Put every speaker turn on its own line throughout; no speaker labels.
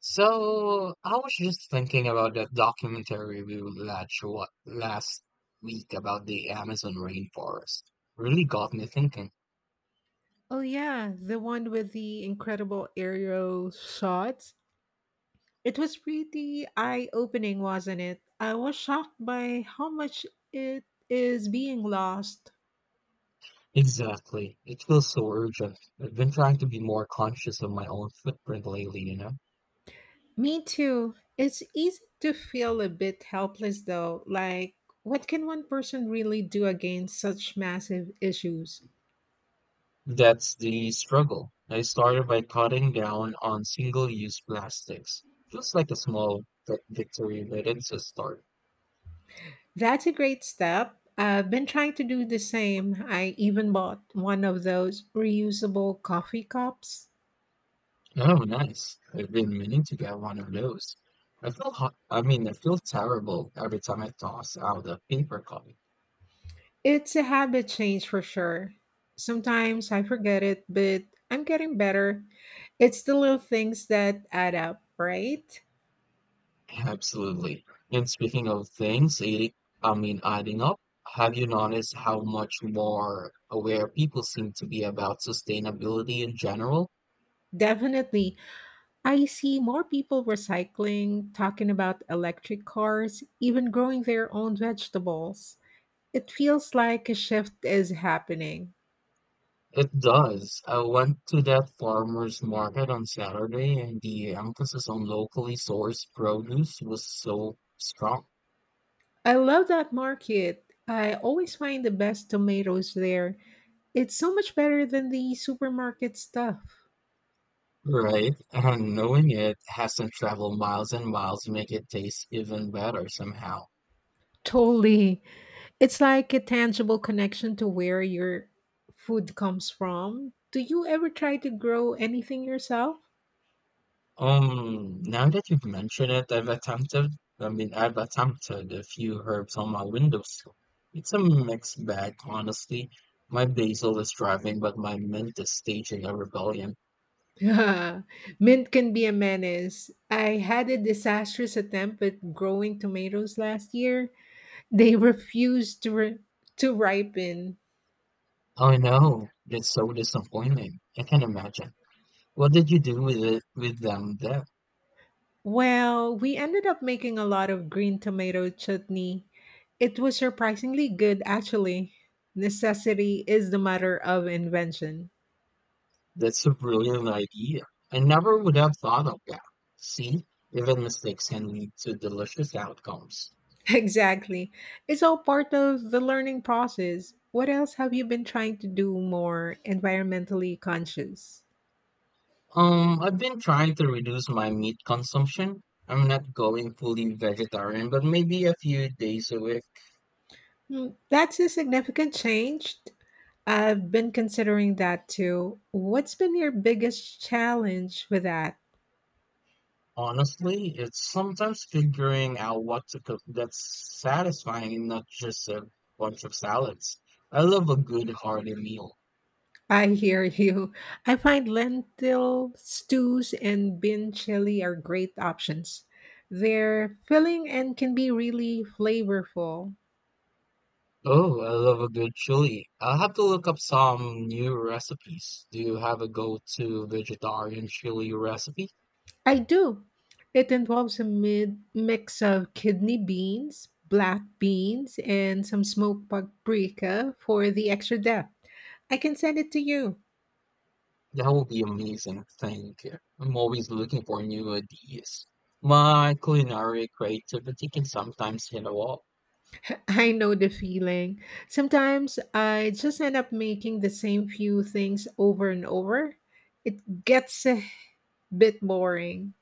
So I was just thinking about that documentary we watched what, last week about the Amazon rainforest. Really got me thinking.
Oh yeah, the one with the incredible aerial shots. It was pretty eye-opening, wasn't it? I was shocked by how much it is being lost.
Exactly. It feels so urgent. I've been trying to be more conscious of my own footprint lately, you know?
Me too. It's easy to feel a bit helpless though. Like, what can one person really do against such massive issues?
That's the struggle. I started by cutting down on single-use plastics. Feels like a small victory, but it's a start.
That's a great step. I've been trying to do the same. I even bought one of those reusable coffee cups.
Oh, nice. I've been meaning to get one of those. I feel terrible every time I toss out a paper cup.
It's a habit change for sure. Sometimes I forget it, but I'm getting better. It's the little things that add up, right?
Absolutely. And speaking of things, eating, I mean, adding up, have you noticed how much more aware people seem to be about sustainability in general?
Definitely. I see more people recycling, talking about electric cars, even growing their own vegetables. It feels like a shift is happening.
It does. I went to that farmer's market on Saturday, and the emphasis on locally sourced produce was so strong.
I love that market. I always find the best tomatoes there. It's so much better than the supermarket stuff.
Right. Knowing it has to travel miles and miles to make it taste even better somehow.
Totally. It's like a tangible connection to where your food comes from. Do you ever try to grow anything yourself?
Now that you've mentioned it, I've attempted a few herbs on my windowsill. It's a mixed bag, honestly. My basil is thriving, but my mint is staging a rebellion.
Yeah, mint can be a menace. I had a disastrous attempt at growing tomatoes last year. They to ripen.
Oh no, that's so disappointing. I can imagine. What did you do with it with them then?
Well, we ended up making a lot of green tomato chutney. It was surprisingly good, actually. Necessity is the mother of invention.
That's a brilliant idea. I never would have thought of that. See, even mistakes can lead to delicious outcomes.
Exactly. It's all part of the learning process. What else have you been trying to do more environmentally conscious?
I've been trying to reduce my meat consumption. I'm not going fully vegetarian, but maybe a few days a week.
That's a significant change. I've been considering that too. What's been your biggest challenge with that?
Honestly, it's sometimes figuring out what to cook that's satisfying and not just a bunch of salads. I love a good hearty meal.
I hear you. I find lentil stews and bean chili are great options. They're filling and can be really flavorful.
Oh, I love a good chili. I'll have to look up some new recipes. Do you have a go-to vegetarian chili recipe?
I do. It involves a mid mix of kidney beans, black beans, and some smoked paprika for the extra depth. I can send it to you.
That would be amazing. Thank you. I'm always looking for new ideas. My culinary creativity can sometimes hit a wall.
I know the feeling. Sometimes I just end up making the same few things over and over. It gets bit boring.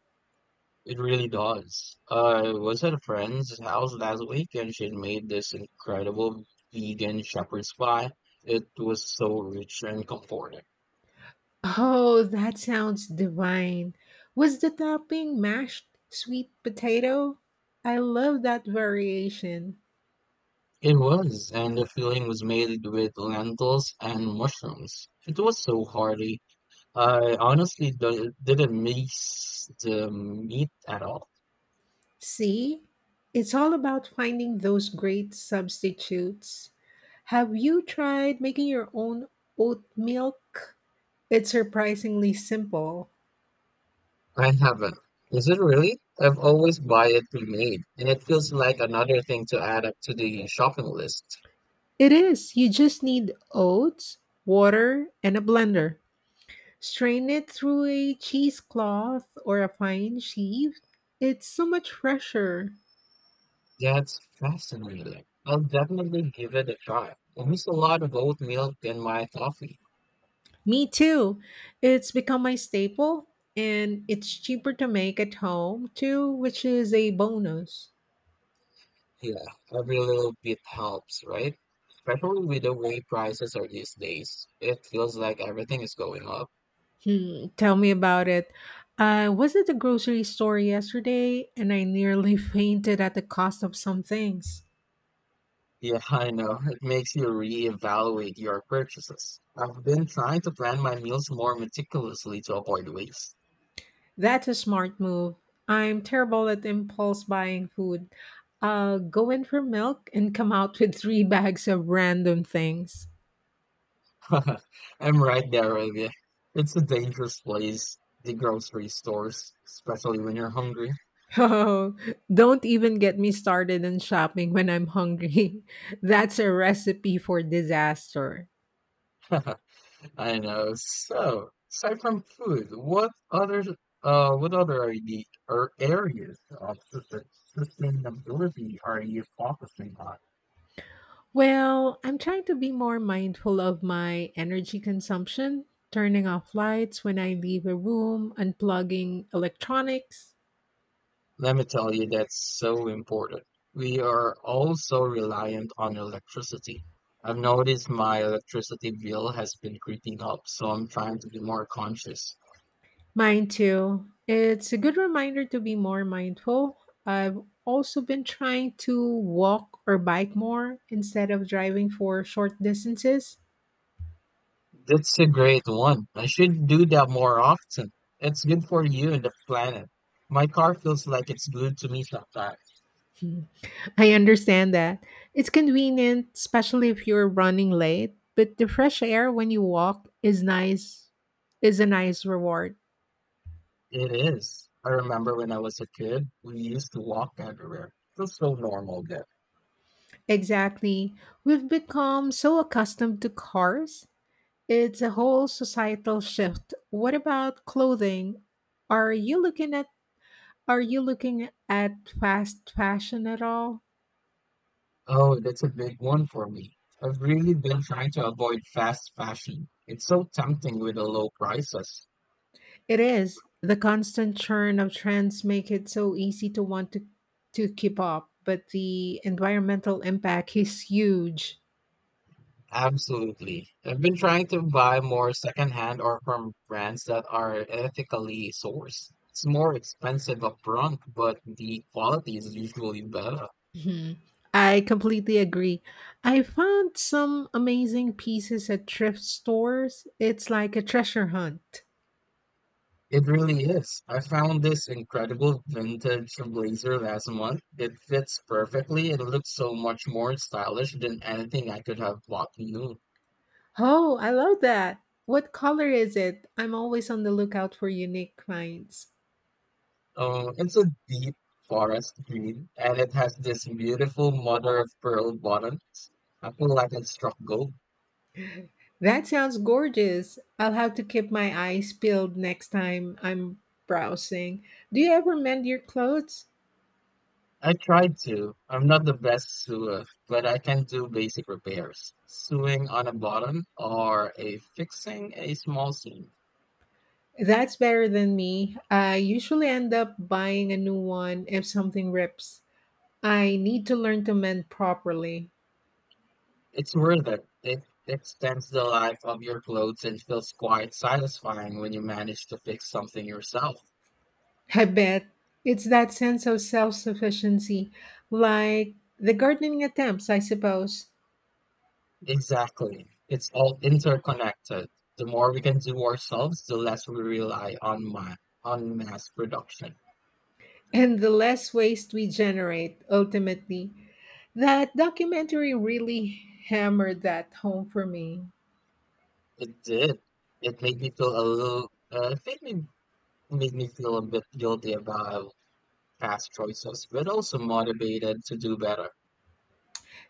It really does. I was at a friend's house last week and she made this incredible vegan shepherd's pie. It was so rich and comforting.
Oh, that sounds divine. Was the topping mashed sweet potato? I love that variation.
It was, and the filling was made with lentils and mushrooms. It was so hearty. I honestly didn't miss the meat at all.
See? It's all about finding those great substitutes. Have you tried making your own oat milk? It's surprisingly simple.
I haven't. Is it really? I've always buy it pre-made, and it feels like another thing to add up to the shopping list.
It is. You just need oats, water, and a blender. Strain it through a cheesecloth or a fine sieve. It's so much fresher.
That's fascinating. I'll definitely give it a try. I miss a lot of oat milk in my coffee.
Me too. It's become my staple, and it's cheaper to make at home too, which is a bonus.
Yeah, every little bit helps, right? Especially with the way prices are these days. It feels like everything is going up.
Tell me about it. I was at the grocery store yesterday and I nearly fainted at the cost of some things.
Yeah, I know. It makes you reevaluate your purchases. I've been trying to plan my meals more meticulously to avoid waste.
That's a smart move. I'm terrible at impulse buying food. I'll go in for milk and come out with three bags of random things.
I'm right there with you. It's a dangerous place, the grocery stores, especially when you're hungry.
Oh, don't even get me started on shopping when I'm hungry. That's a recipe for disaster.
I know. So, aside from food, what other ide- or areas of sustainability are you focusing on?
Well, I'm trying to be more mindful of my energy consumption, turning off lights when I leave a room, unplugging electronics.
Let me tell you, that's so important. We are also reliant on electricity. I've noticed my electricity bill has been creeping up, so I'm trying to be more conscious.
Mine too. It's a good reminder to be more mindful. I've also been trying to walk or bike more instead of driving for short distances.
That's a great one. I should do that more often. It's good for you and the planet. My car feels like it's glued to me sometimes.
I understand that. It's convenient, especially if you're running late, but the fresh air when you walk is a nice reward.
It is. I remember when I was a kid, we used to walk everywhere. Feels so normal there.
Exactly. We've become so accustomed to cars. It's a whole societal shift. What about clothing? Are you looking at Are you looking at fast fashion at all?
Oh, that's a big one for me. I've really been trying to avoid fast fashion. It's so tempting with the low prices.
It is. The constant churn of trends make it so easy to to keep up, but the environmental impact is huge.
Absolutely. I've been trying to buy more secondhand or from brands that are ethically sourced. It's more expensive upfront, but the quality is usually better.
Mhm. I completely agree. I found some amazing pieces at thrift stores. It's like a treasure hunt.
It really is. I found this incredible vintage blazer last month. It fits perfectly and looks so much more stylish than anything I could have bought new.
Oh, I love that. What color is it? I'm always on the lookout for unique finds.
It's a deep forest green and it has this beautiful mother of pearl bottom. I feel like I struck gold.
That sounds gorgeous. I'll have to keep my eyes peeled next time I'm browsing. Do you ever mend your clothes?
I tried to. I'm not the best sewer, but I can do basic repairs. Sewing on a bottom or a fixing a small seam.
That's better than me. I usually end up buying a new one if something rips. I need to learn to mend properly.
It's worth it. It extends the life of your clothes and feels quite satisfying when you manage to fix something yourself.
I bet it's that sense of self sufficiency, like the gardening attempts, I suppose.
Exactly. It's all interconnected. The more we can do ourselves, the less we rely on ma on mass production.
And the less waste we generate ultimately. That documentary really hammered that home for me.
It did. It made me feel a little, it made me feel a bit guilty about past choices, but also motivated to do better.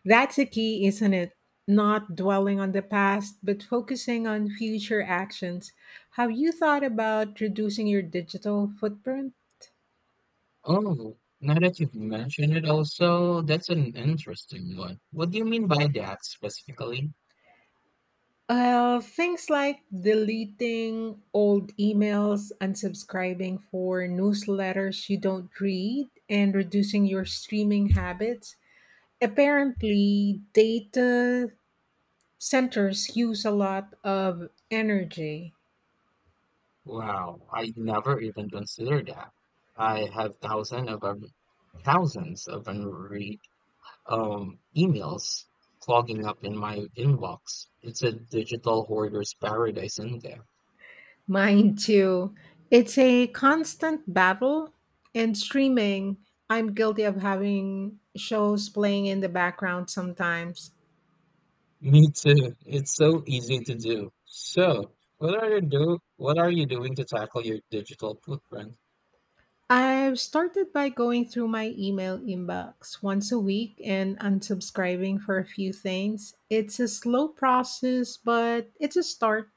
That's the key, isn't it? Not dwelling on the past, but focusing on future actions. Have you thought about reducing your digital footprint?
Oh, now that you've mentioned it also, that's an interesting one. What do you mean by that specifically?
Well, things like deleting old emails, unsubscribing for newsletters you don't read, and reducing your streaming habits. Apparently, data centers use a lot of energy.
Wow, I never even considered that. I have thousands of unread emails clogging up in my inbox. It's a digital hoarder's paradise in there.
Mine too. It's a constant battle. And streaming, I'm guilty of having shows playing in the background sometimes.
Me too. It's so easy to do. So, what are you do? What are you doing to tackle your digital footprint?
I've started by going through my email inbox once a week and unsubscribing for a few things. It's a slow process, but it's a start.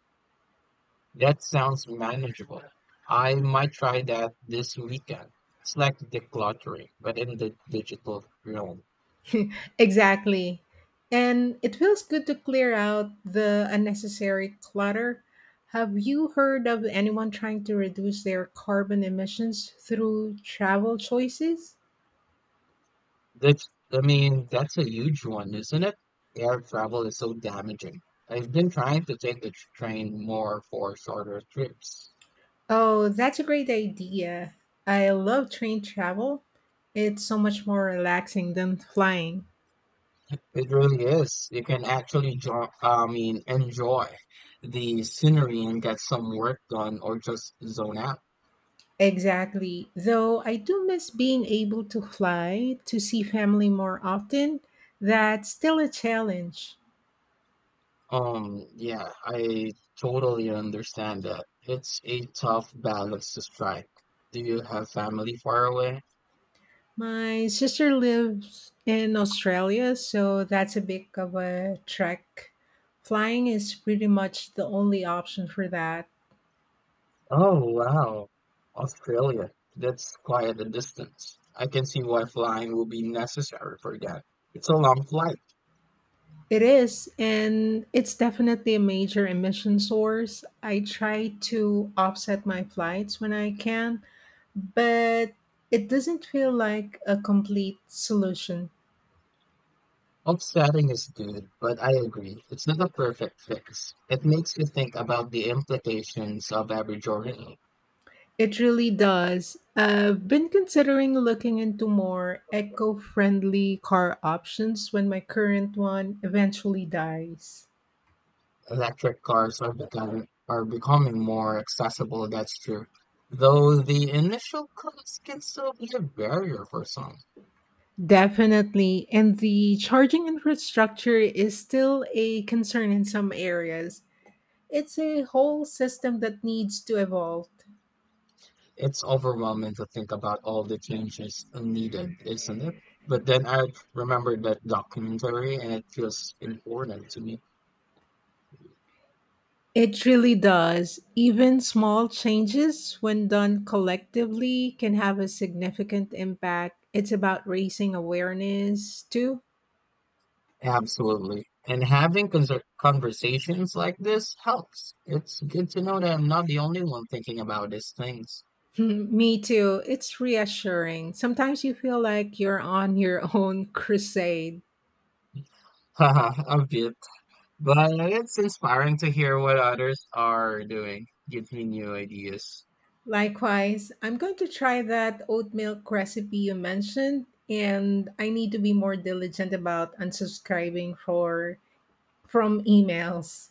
That sounds manageable. I might try that this weekend. It's like decluttering, but in the digital realm.
Exactly. And it feels good to clear out the unnecessary clutter. Have you heard of anyone trying to reduce their carbon emissions through travel choices?
That's a huge one, isn't it? Air travel is so damaging. I've been trying to take the train more for shorter trips.
Oh, that's a great idea. I love train travel. It's so much more relaxing than flying.
It really is. You can actually enjoy the scenery and get some work done or just zone out.
Exactly. Though I do miss being able to fly to see family more often. That's still a challenge.
Yeah, I totally understand that. It's a tough balance to strike. Do you have family far away?
My sister lives in Australia, so that's a bit of a trek. Flying is pretty much the only option for that.
Oh, wow. Australia. That's quite a distance. I can see why flying will be necessary for that. It's a long flight.
It is, and it's definitely a major emission source. I try to offset my flights when I can, but it doesn't feel like a complete solution.
Offsetting is good, but I agree. It's not a perfect fix. It makes you think about the implications of every journey.
It really does. I've been considering looking into more eco friendly car options when my current one eventually dies.
Electric cars are becoming more accessible, that's true. Though the initial cost can still be a barrier for some.
Definitely. And the charging infrastructure is still a concern in some areas. It's a whole system that needs to evolve.
It's overwhelming to think about all the changes needed, isn't it? But then I remembered that documentary and it feels important to me.
It really does. Even small changes, when done collectively, can have a significant impact. It's about raising awareness too.
Absolutely. And having conversations like this helps. It's good to know that I'm not the only one thinking about these things.
Mm, me too. It's reassuring. Sometimes you feel like you're on your own crusade.
Haha, a bit. But it's inspiring to hear what others are doing. Gives me new ideas.
Likewise, I'm going to try that oat milk recipe you mentioned, and I need to be more diligent about unsubscribing for from emails.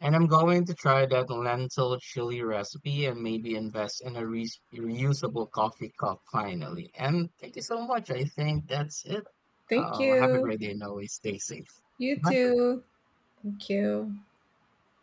And I'm going to try that lentil chili recipe and maybe invest in a reusable coffee cup finally. And thank you so much. I think that's it.
Thank
Have a
you.
great day and always stay safe.
You
Bye for now.
too. Thank you.